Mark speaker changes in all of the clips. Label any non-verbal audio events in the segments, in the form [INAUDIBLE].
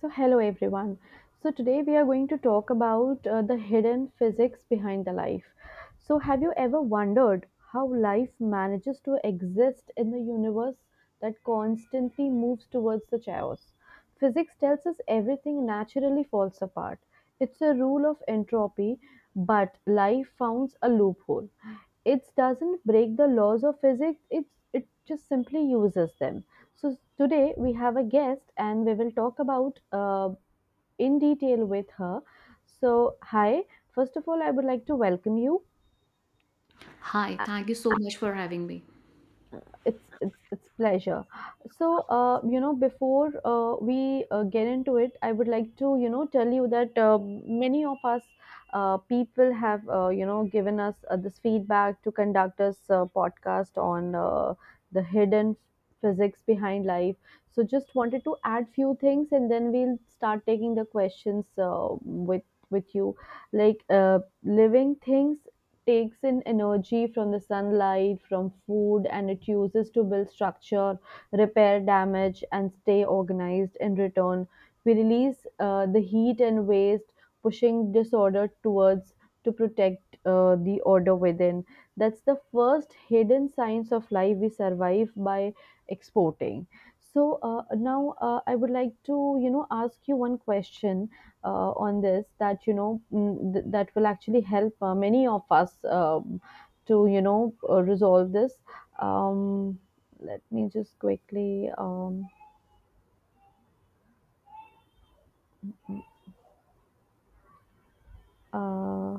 Speaker 1: So, hello everyone. So, today we are going to talk about the hidden physics behind the life. So, have you ever wondered how life manages to exist in the universe that constantly moves towards the chaos? Physics tells us everything naturally falls apart. It's a rule of entropy, but life founds a loophole. It doesn't break the laws of physics, it just simply uses them. So, today we have a guest and we will talk about in detail with her. So, hi, first of all, I would like to welcome you.
Speaker 2: Hi, thank you so much for having me.
Speaker 1: It's pleasure. So, before we get into it, I would like to tell you that many of us people have given us this feedback to conduct us podcast on the hidden physics behind life. So just wanted to add few things, and then we'll start taking the questions with with you. Like living things takes in energy from the sunlight, from food, and it uses to build structure, repair damage, and stay organized in return. We release the heat and waste, pushing disorder towards to protect the order within. That's the first hidden science of life we survive by exporting. So now I would like to, ask you one question on this that that will actually help many of us to resolve this. um, Let me just quickly uh,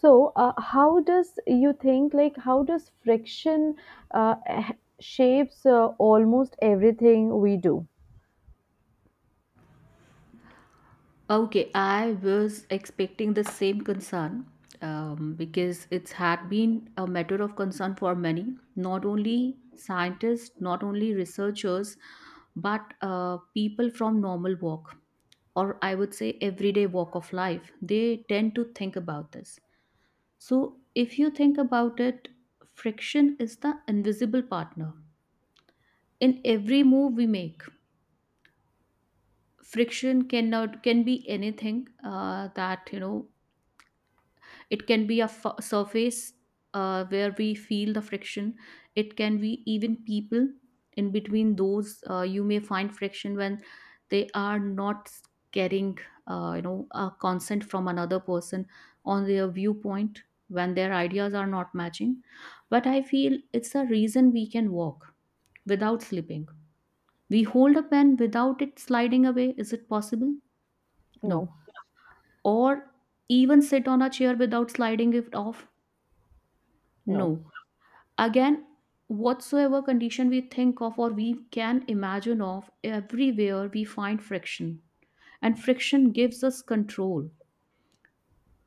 Speaker 1: how does you think, like how does friction uh, eh, shapes almost everything we do?
Speaker 2: Okay, I was expecting the same concern because it's had been a matter of concern for many, not only scientists, not only researchers, but people from normal walk, or I would say everyday walk of life. They tend to think about this. So, if you think about it, friction is the invisible partner in every move we make. Friction cannot can be anything that you know. It can be a surface where we feel the friction. It can be even people. In between those, you may find friction when they are not getting you know, a consent from another person on their viewpoint, when their ideas are not matching. But I feel it's a reason we can walk without slipping. We hold a pen without it sliding away. Is it possible? No.
Speaker 1: No.
Speaker 2: Or even sit on a chair without sliding it off?
Speaker 1: No.
Speaker 2: No. Again, whatsoever condition we think of or we can imagine of, everywhere we find friction. And friction gives us control.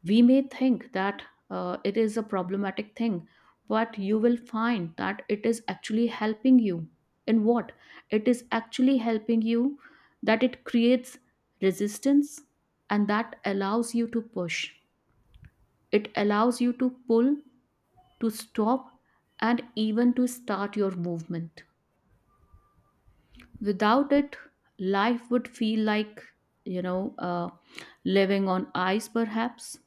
Speaker 2: We may think that it is a problematic thing, but you will find that it is actually helping you. In what? It is actually helping you that it creates resistance, and that allows you to push, it allows you to pull, to stop, and even to start your movement. Without it, life would feel like, you know, living on ice perhaps.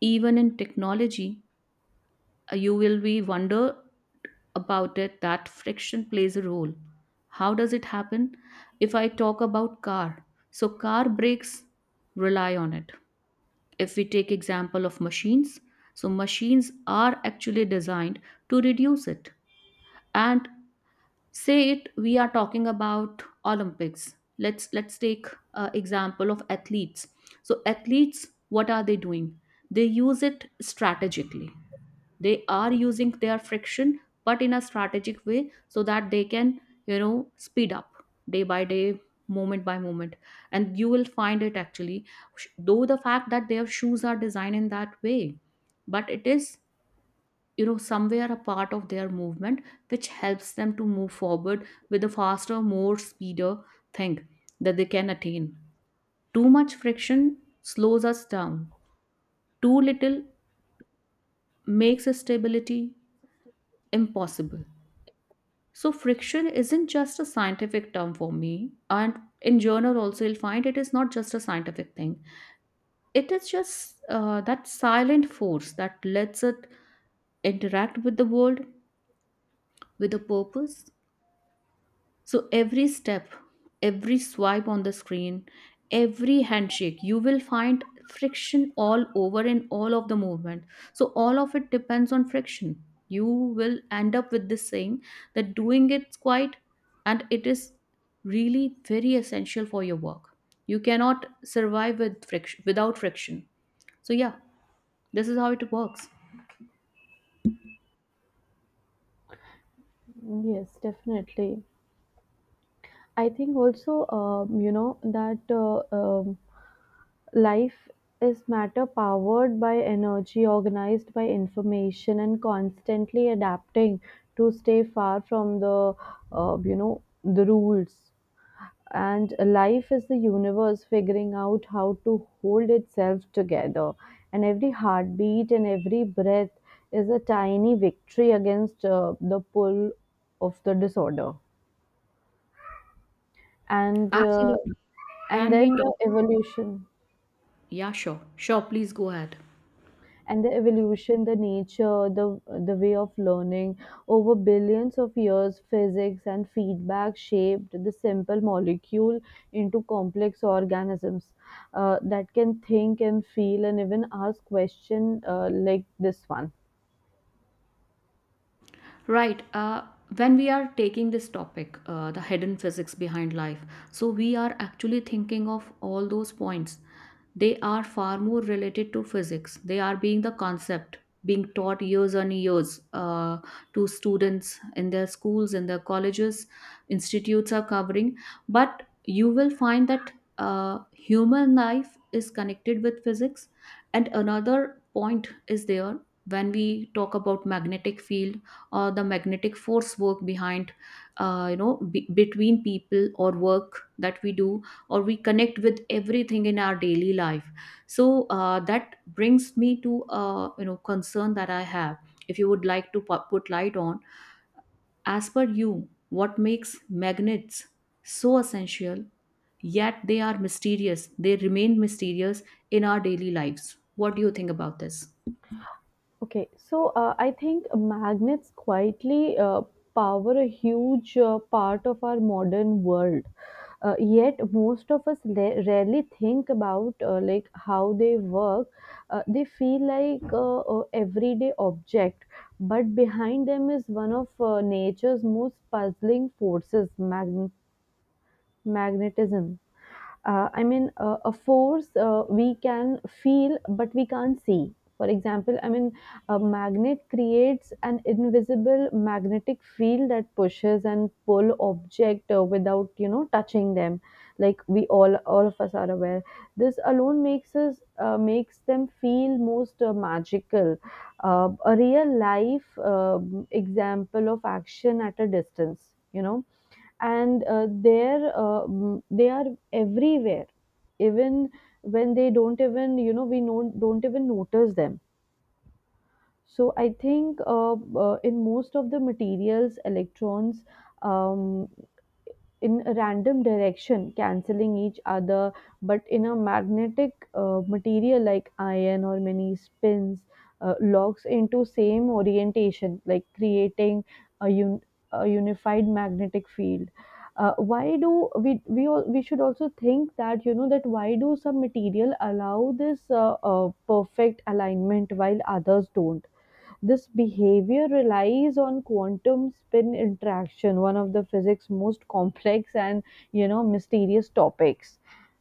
Speaker 2: Even in technology, you will be wonder about it that friction plays a role. How does it happen? If I talk about car, so car brakes rely on it. If we take example of machines, so machines are actually designed to reduce it. And say it, we are talking about olympics. Let's take example of athletes. So athletes, what are they doing? They use it strategically. They are using their friction, but in a strategic way, so that they can, you know, speed up day by day, moment by moment. And you will find it actually, though the fact that their shoes are designed in that way, but it is, you know, somewhere a part of their movement, which helps them to move forward with a faster, more speeder thing that they can attain. Too much friction slows us down. Too little makes stability impossible. So friction isn't just a scientific term for me, and in journal also you'll find it is not just a scientific thing. It is just that silent force that lets it interact with the world with a purpose. So every step, every swipe on the screen, every handshake, you will find friction all over in all of the movement. So all of it depends on friction. You will end up with this saying that doing it's quite, and it is really very essential for your work. You cannot survive with friction without friction. So yeah, this is how it works.
Speaker 1: Yes, definitely. I think also, that life is matter powered by energy, organized by information, and constantly adapting to stay far from the, the rules. And life is the universe figuring out how to hold itself together. And every heartbeat and every breath is a tiny victory against the pull of the disorder. And uh,
Speaker 2: Absolutely.
Speaker 1: and
Speaker 2: Can we
Speaker 1: then
Speaker 2: talk?
Speaker 1: the evolution.
Speaker 2: Yeah, sure. Sure, please go ahead.
Speaker 1: And the evolution, the nature, the way of learning over billions of years, physics and feedback shaped the simple molecule into complex organisms that can think and feel and even ask question like this one.
Speaker 2: Right. When we are taking this topic, the hidden physics behind life, so we are actually thinking of all those points. They are far more related to physics. They are being the concept being taught years and years to students in their schools, in their colleges, institutes are covering. But you will find that human life is connected with physics. And another point is there, when we talk about magnetic field or the magnetic force work behind, you know, be between people or work that we do, or we connect with everything in our daily life. So that brings me to you know, concern that I have. If you would like to put light on, as per you, what makes magnets so essential, yet they are mysterious, they remain mysterious in our daily lives? What do you think about this?
Speaker 1: Okay, so I think magnets quietly power a huge part of our modern world. Yet most of us rarely think about how they work. They feel like everyday object, but behind them is one of nature's most puzzling forces, magnetism. A force we can feel but we can't see. For example, a magnet creates an invisible magnetic field that pushes and pull object without touching them. Like all of us are aware. This alone makes them feel most magical. A real life example of action at a distance. They are everywhere, even when they don't even, don't even notice them. So I think in most of the materials electrons um, in a random direction, cancelling each other, but in a magnetic material like iron or many spins, locks into same orientation, like creating a, un- a unified magnetic field. Why do we should also think that that why do some material allow this perfect alignment while others don't? This behavior relies on quantum spin interaction, one of the physics' most complex and mysterious topics.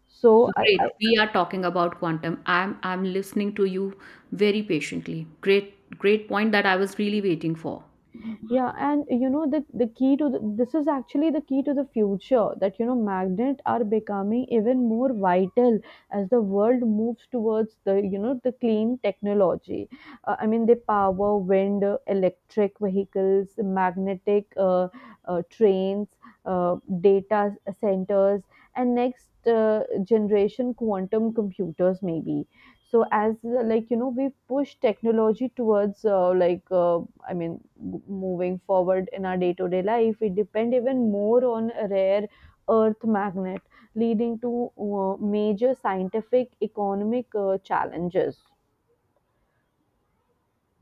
Speaker 1: So I,
Speaker 2: Great. We are talking about quantum. I'm listening to you very patiently. Great, great point that I was really waiting for.
Speaker 1: yeah, and you know the key to the, this is actually the key to the future that magnets are becoming even more vital as the world moves towards the the clean technology. They power wind, electric vehicles, magnetic trains, uh, data centers, and next generation quantum computers maybe. So as we push technology towards I mean, moving forward in our day to day life, we depend even more on a rare earth magnet, leading to major scientific, economic challenges.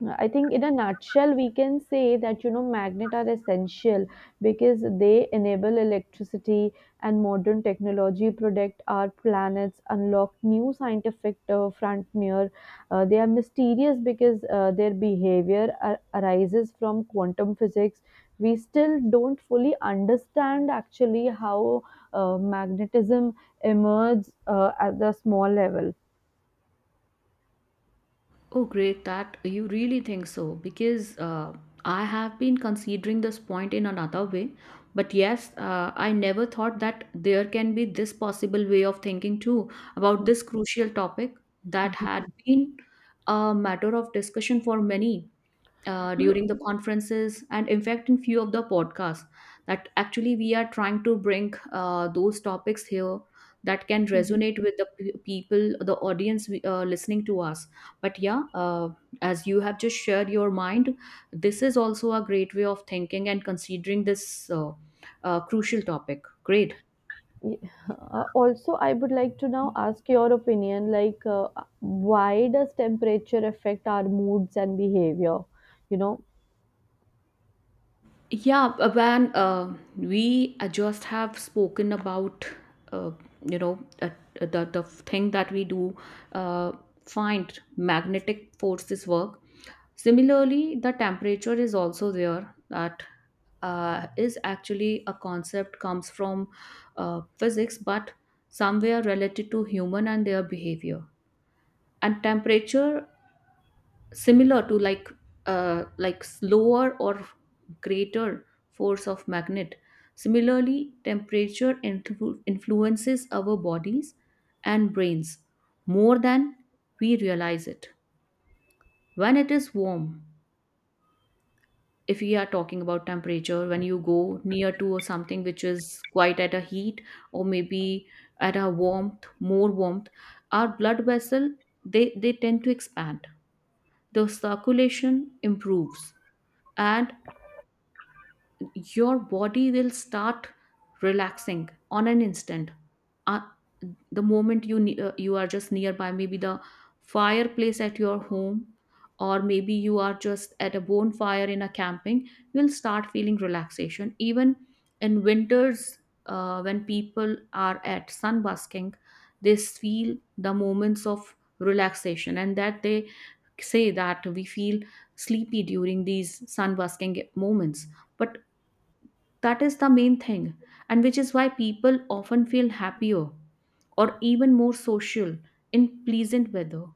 Speaker 1: I think in a nutshell, we can say that magnets are essential because they enable electricity and modern technology, protect our planets, unlock new scientific frontier. They are mysterious because their behavior arises from quantum physics. We still don't fully understand actually how magnetism emerges at the small level.
Speaker 2: Oh, great that you really think so, because I have been considering this point in another way. But yes, I never thought that there can be this possible way of thinking too about this crucial topic that had been a matter of discussion for many during the conferences, and in fact in few of the podcasts that actually we are trying to bring those topics here, that can
Speaker 1: Mhm.
Speaker 2: resonate with the people, the audience listening to us. But yeah, as you have just shared your mind, this is also a great way of thinking and considering this crucial topic. Great.
Speaker 1: Yeah. Also, I would like to now ask your opinion, like why does temperature affect our moods and behavior? You know,
Speaker 2: Yeah, when we just have spoken about uh, you know, the thing that we do, uh, find magnetic forces work. Similarly, the temperature is also there that is actually a concept comes from physics, but somewhere related to human and their behavior. And temperature, similar to like, like slower or greater force of magnet, similarly temperature influences our bodies and brains more than we realize it. When it is warm, if we are talking about temperature, when you go near to something which is quite at a heat, or maybe at a warmth, more warmth, our blood vessel, they tend to expand, the circulation improves, and your body will start relaxing on an instant. uh, the moment you, you are just nearby maybe the fireplace at your home, or maybe you are just at a bonfire in a camping, you'll start feeling relaxation. Even in winters, when people are at sunbasking, they feel the moments of relaxation, and that they say that we feel sleepy during these sunbasking moments. But that is the main thing, and which is why people often feel happier or even more social in pleasant weather.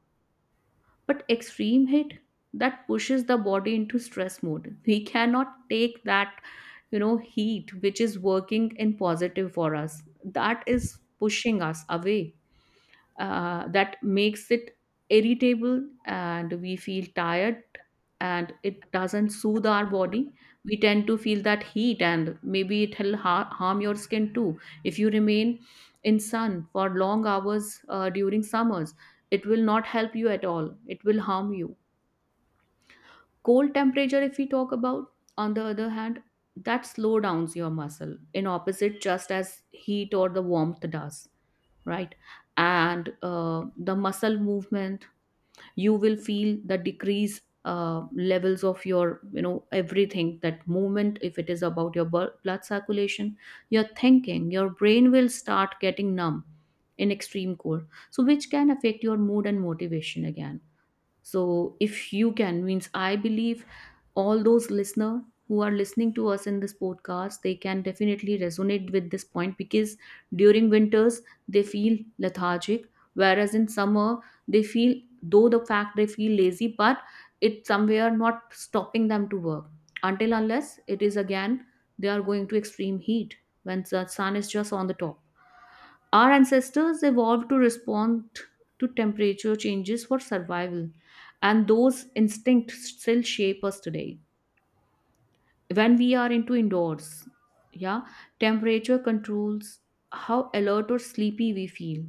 Speaker 2: But extreme heat that pushes the body into stress mode. We cannot take that, you know, heat which is working in positive for us. That is pushing us away, that makes it irritable and we feel tired, and it doesn't soothe our body. We tend to feel that heat, and maybe it will harm your skin too if you remain in sun for long hours during summers. It will not help you at all, it will harm you. Cold temperature, if we talk about, on the other hand, that slow downs your muscle in opposite, just as heat or the warmth does, right? And the muscle movement, you will feel the decrease levels of your, you know, everything that movement, if it is about your blood circulation, your thinking, your brain will start getting numb in extreme cold. So which can affect your mood and motivation again. So if you can, means, I believe all those listener who are listening to us in this podcast, they can definitely resonate with this point, because during winters they feel lethargic, whereas in summer they feel, though the fact they feel lazy, but it somewhere not stopping them to work, until unless it is again they are going to extreme heat, when the sun is just on the top. Our ancestors evolved to respond to temperature changes for survival, and those instincts still shape us today. When we are into indoors, yeah, temperature controls how alert or sleepy we feel.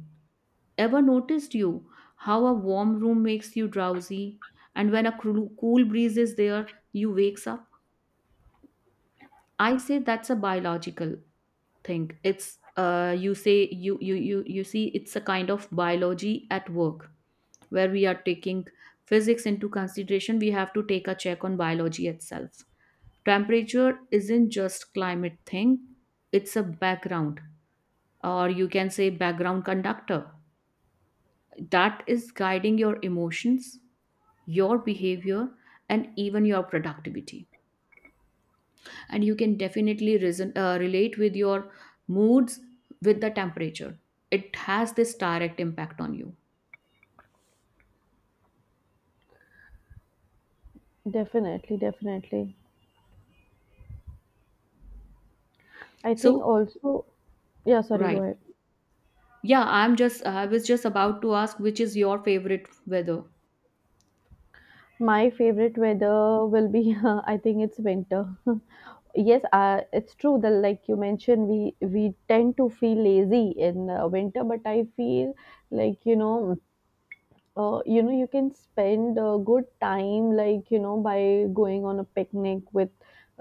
Speaker 2: Ever noticed you how a warm room makes you drowsy, and when a cool breeze is there you wakes up. I say that's a biological thing. It's, you say, you see, it's a kind of biology at work, where we are taking physics into consideration, we have to take a check on biology itself. Temperature isn't just climate thing, it's a background, or you can say background conductor, that is guiding your emotions, your behavior, and even your productivity. And you can definitely reason, relate with your moods with the temperature. It has this direct impact on you.
Speaker 1: definitely, definitely. I think
Speaker 2: So,
Speaker 1: also, yeah, sorry, go
Speaker 2: right.
Speaker 1: ahead.
Speaker 2: Yeah, I'm just, I was just about to ask which is your favorite weather.
Speaker 1: My favorite weather will be, [LAUGHS] I think it's winter. [LAUGHS] Yes, it's true that like you mentioned, we tend to feel lazy in winter, but I feel like you can spend a good time like by going on a picnic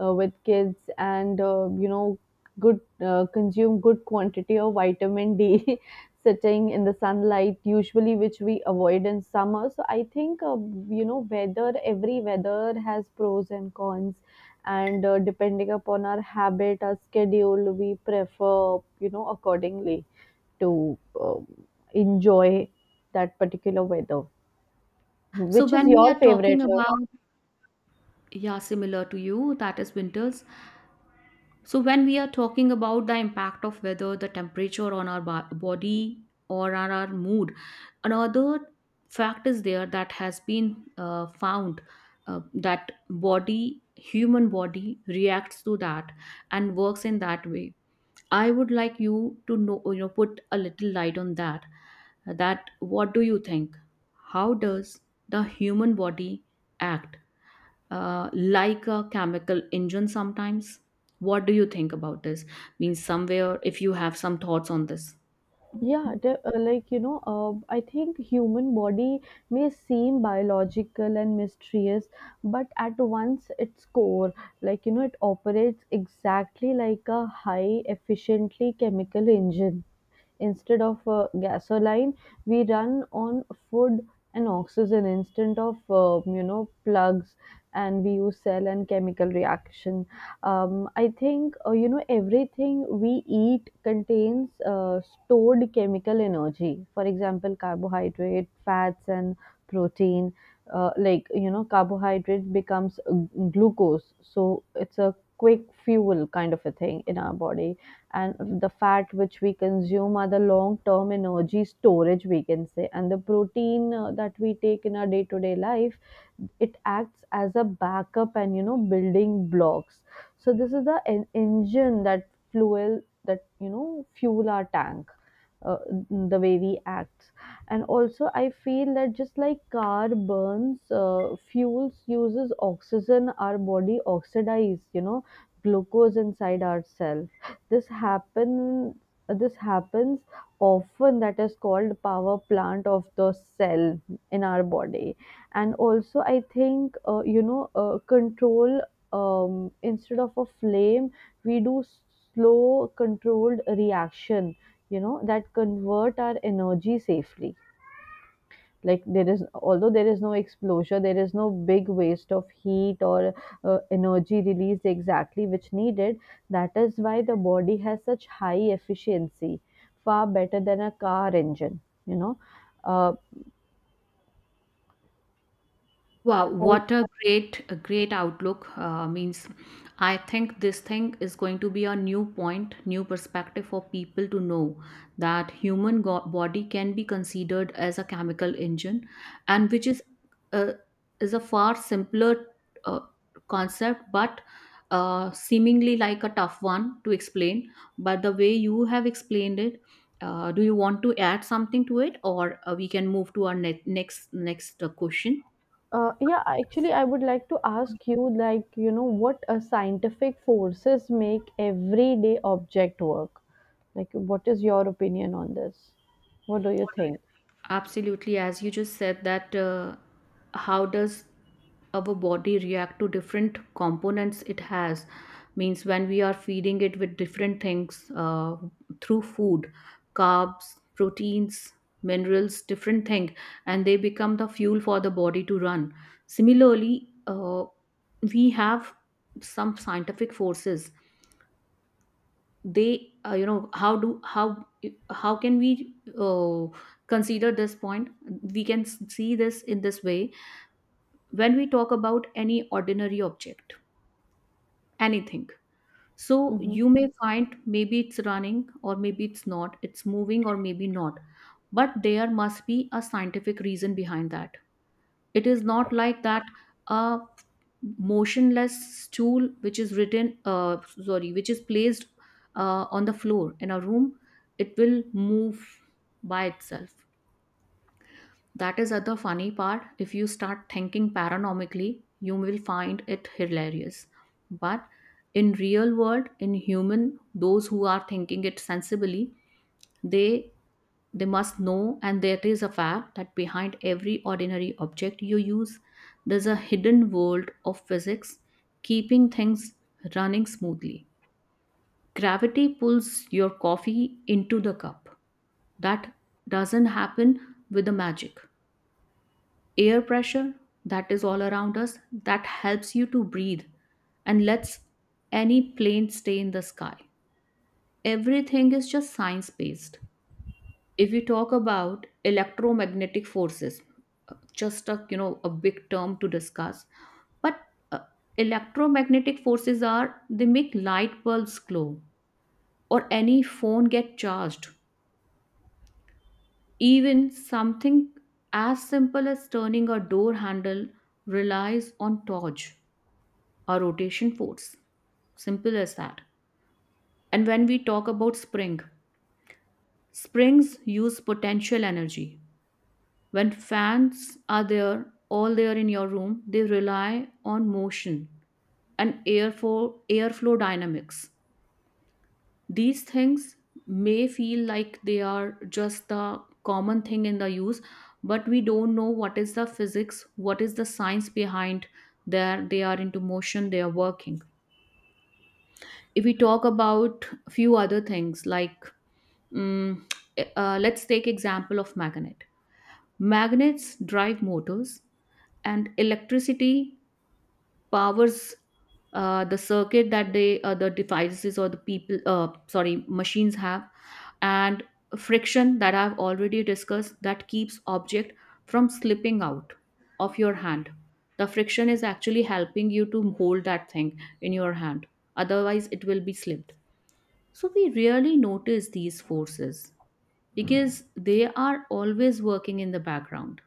Speaker 1: with kids and good consume good quantity of vitamin D [LAUGHS] sitting in the sunlight, usually which we avoid in summer. So I think weather, every weather has pros and cons, and depending upon our habit, our schedule, we prefer accordingly to enjoy that particular weather.
Speaker 2: So
Speaker 1: Which is
Speaker 2: when we
Speaker 1: your
Speaker 2: are talking
Speaker 1: favorite?
Speaker 2: about, yeah, similar to you, that is winters. So, when we are talking about the impact of weather, the temperature on our body or on our mood, another fact is there that has been found that body, human body, reacts to that and works in that way. I would like you to know, you know, put a little light on that. That what do you think? How does the human body act like a chemical engine sometimes? What do you think about this? Means somewhere if you have some thoughts on this.
Speaker 1: Yeah, I think human body may seem biological and mysterious, but at once its core, it operates exactly like a high efficiently chemical engine. Instead of gasoline, we run on food and oxygen, instead of plugs, and we use cell and chemical reaction. I think everything we eat contains stored chemical energy, for example carbohydrate, fats and protein. Carbohydrate becomes glucose, so it's a quick fuel kind of a thing in our body, and the fat which we consume are the long term energy storage, we can say, and the protein that we take in our day to day life, it acts as a backup and building blocks. So this is the engine that fuel, that fuel our tank, uh, the way we act. And also, I feel that just like car burns, fuels uses oxygen. Our body oxidize, glucose inside ourselves. This happen. This happens often. That is called power plant of the cell in our body. And also I think control, instead of a flame, we do slow controlled reaction, that convert our energy safely. Like there is, although there is no explosion, there is no big waste of heat or energy released exactly which needed. That is why the body has such high efficiency, far better than a car engine, you know uh,
Speaker 2: Wow, what a great outlook. I think this thing is going to be a new point, new perspective for people to know that body can be considered as a chemical engine, and which is uh, is a far simpler uh, concept, but seemingly like a tough one to explain. But the way you have explained it, do you want to add something to it, or we can move to our next question?
Speaker 1: uh, yeah, actually, I would like to ask you, like, what scientific forces make everyday object work? Like, what is your opinion on this? What do you think?
Speaker 2: Absolutely, as you just said, that how does our body react to different components it has? Means when we are feeding it with different things through food, carbs, proteins, minerals, different thing, and they become the fuel for the body to run. Similarly, we have some scientific forces they you know how do how can we consider this point. We can see this in this way. When we talk about any ordinary object, anything, so
Speaker 1: Mm-hmm.
Speaker 2: you may find maybe it's running or maybe it's not, it's moving or maybe not, but there must be a scientific reason behind that. It is not like that a motionless stool which is which is placed on the floor in a room, it will move by itself. That is other funny part. If you start thinking paranormically, you will find it hilarious. But in real world, in human, those who are thinking it sensibly, they they must know, and there is a fact, that behind every ordinary object you use, there's a hidden world of physics keeping things running smoothly. Gravity pulls your coffee into the cup. That doesn't happen with the magic. Air pressure, that is all around us, that helps you to breathe and lets any plane stay in the sky. Everything is just science based. If we talk about electromagnetic forces, just a, you know, a big term to discuss, but uh, electromagnetic forces are, they make light bulbs glow or any phone get charged, even something as simple as turning a door handle relies on torque or rotation force, simple as that. And when we talk about spring, springs use potential energy. When fans are there, all there in your room, they rely on motion and airflow dynamics. These things may feel like they are just the common thing in the use, but we don't know what is the physics, what is the science behind, there they are into motion, they are working. If we talk about few other things like mm, let's take example of magnet. Magnets drive motors and electricity powers the circuit that the devices or the people sorry machines have. And friction, that I've already discussed, that keeps object from slipping out of your hand. The friction is actually helping you to hold that thing in your hand, otherwise it will be slipped. So we rarely notice these forces because they are always working in the background.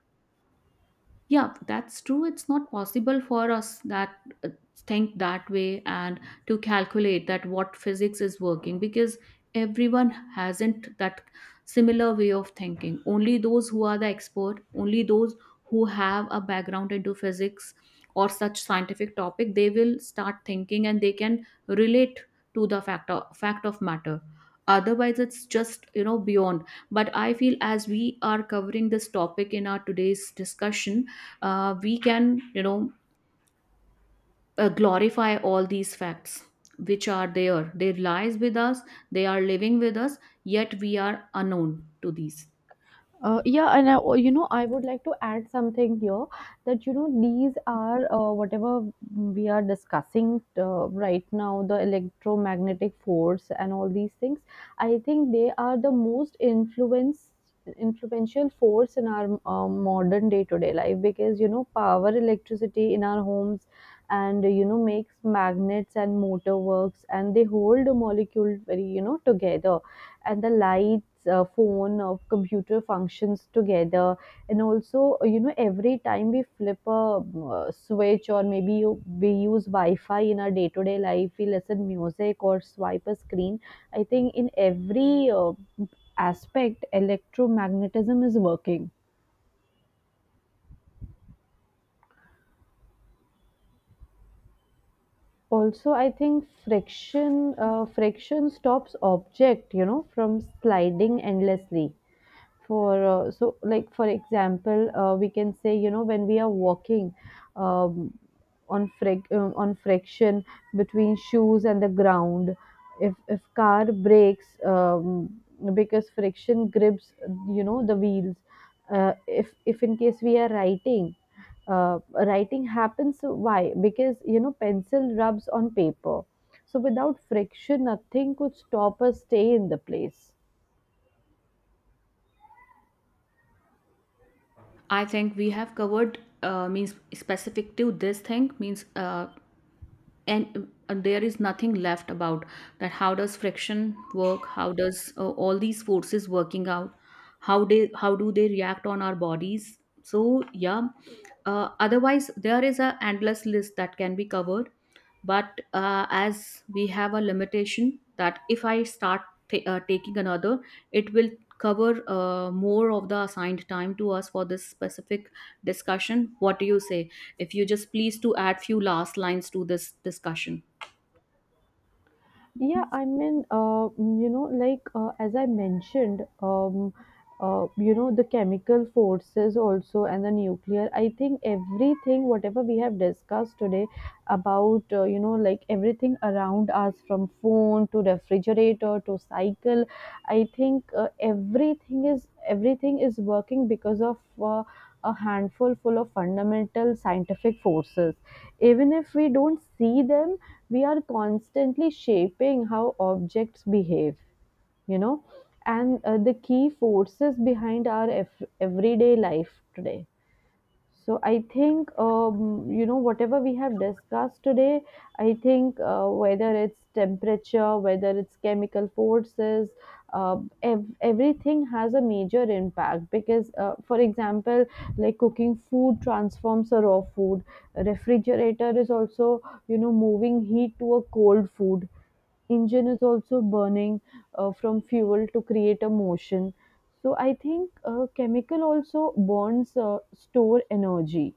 Speaker 2: Yeah, that's true, it's not possible for us that uh, think that way and to calculate that what physics is working, because everyone hasn't that similar way of thinking. Only those who are the expert, only those who have a background into physics or such scientific topic, they will start thinking and they can relate to the fact of matter. Otherwise it's just, you know, beyond. But I feel as we are covering this topic in our today's discussion, we can, you know, glorify all these facts which are there, they lies with us, they are living with us, yet we are unknown to these.
Speaker 1: Yeah, and I, oh, I would like to add something here that these are whatever we are discussing right now, the electromagnetic force and all these things. I think they are the most influence influential force in our modern day to day life, because power electricity in our homes and makes magnets and motor works, and they hold the molecule very together, and the lights, phone, computer functions together. And also, every time we flip a switch, or maybe you, we use Wi Fi in our day to day life, we listen music or swipe a screen. I think in every aspect, electromagnetism is working. Also, I think friction stops object, from sliding endlessly. For so like for example we can say when we are walking, um, on friction between shoes and the ground. If car breaks, because friction grips the wheels. If in case we are writing, uh, writing happens, so why? Because pencil rubs on paper. So without friction, nothing could stop us stay in the place.
Speaker 2: I think we have covered means specific to this thing, means and there is nothing left about that how does friction work, how does all these forces working out, how do they react on our bodies. So yeah, otherwise there is a endless list that can be covered, but as we have a limitation that if I start taking another, it will cover more of the assigned time to us for this specific discussion. What do you say, if you just please to add few last lines to this discussion?
Speaker 1: Yeah, as I mentioned, the chemical forces also, and the nuclear. I think everything, whatever we have discussed today about, like everything around us, from phone to refrigerator to cycle, I think everything is working because of a handful full of fundamental scientific forces. Even if we don't see them, we are constantly shaping how objects behave, you know, and the key forces behind our everyday life today. So I think whatever we have discussed today. I think whether it's temperature, whether it's chemical forces, everything has a major impact. Because, for example, like cooking food transforms a raw food. A refrigerator is also moving heat to a cold food. Engine is also burning from fuel to create a motion. So I think chemical also burns store energy.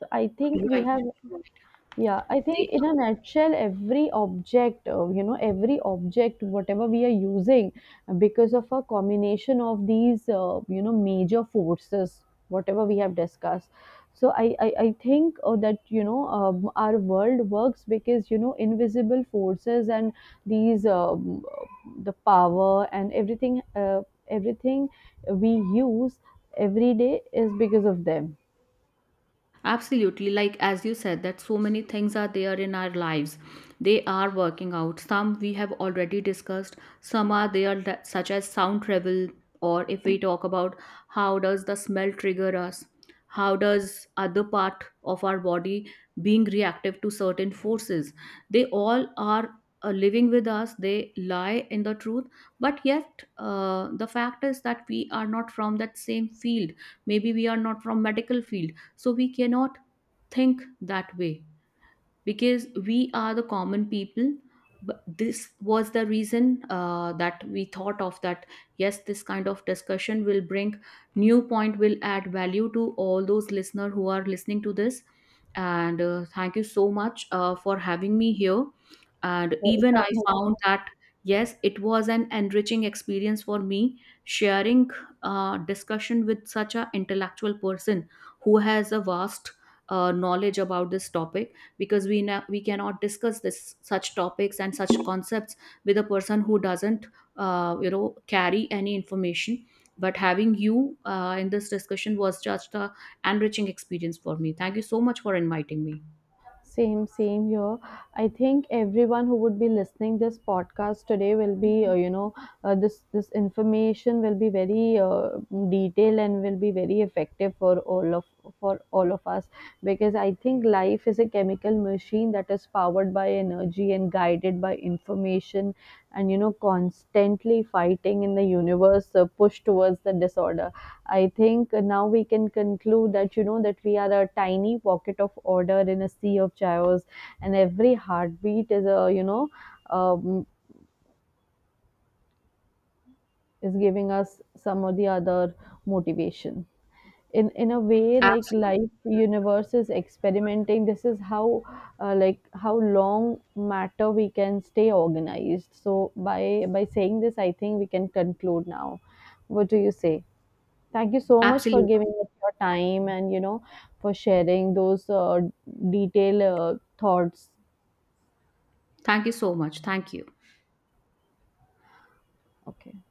Speaker 1: So I think we
Speaker 2: Right.
Speaker 1: have,
Speaker 2: Right.
Speaker 1: yeah, I think
Speaker 2: They
Speaker 1: in a nutshell, every object, every object, whatever we are using, because of a combination of these, major forces, whatever we have discussed. So I think that, our world works because, invisible forces and these, the power and everything, everything we use every day is because of them.
Speaker 2: absolutely. Like, as you said, that so many things are there in our lives. They are working out. Some we have already discussed, some are there, that, such as sound travel, or if we talk about how does the smell trigger us, how does other part of our body being reactive to certain forces. They all are living with us, they lie in the truth, but yet the fact is that we are not from that same field. Maybe we are not from medical field, so we cannot think that way because we are the common people. But this was the reason that we thought of that, yes, this kind of discussion will bring new point, will add value to all those listener who are listening to this. And thank you so much for having me here. And
Speaker 1: So it's
Speaker 2: even I
Speaker 1: our
Speaker 2: found
Speaker 1: nature.
Speaker 2: that yes, it was an enriching experience for me sharing discussion with such an intellectual person who has a vast knowledge about this topic. Because we we cannot discuss this, such topics and such concepts, with a person who doesn't you know carry any information. But having you in this discussion was just a enriching experience for me. Thank you so much for inviting me.
Speaker 1: Same, same here. I think everyone who would be listening this podcast today will be, this this information will be very detailed and will be very effective for all of us, because I think life is a chemical machine that is powered by energy and guided by information, and constantly fighting in the universe, push towards the disorder. I think now we can conclude that that we are a tiny pocket of order in a sea of chaos, and every heartbeat is a um, is giving us some or the other motivation. In a way, like
Speaker 2: Absolutely.
Speaker 1: life, universe is experimenting. This is how like how long matter we can stay organized. So by saying this, I think we can conclude now. What do you say? Thank you so much for giving
Speaker 2: Absolutely.
Speaker 1: us your time and, for sharing those detailed thoughts.
Speaker 2: Thank you so much. Thank you.
Speaker 1: Okay.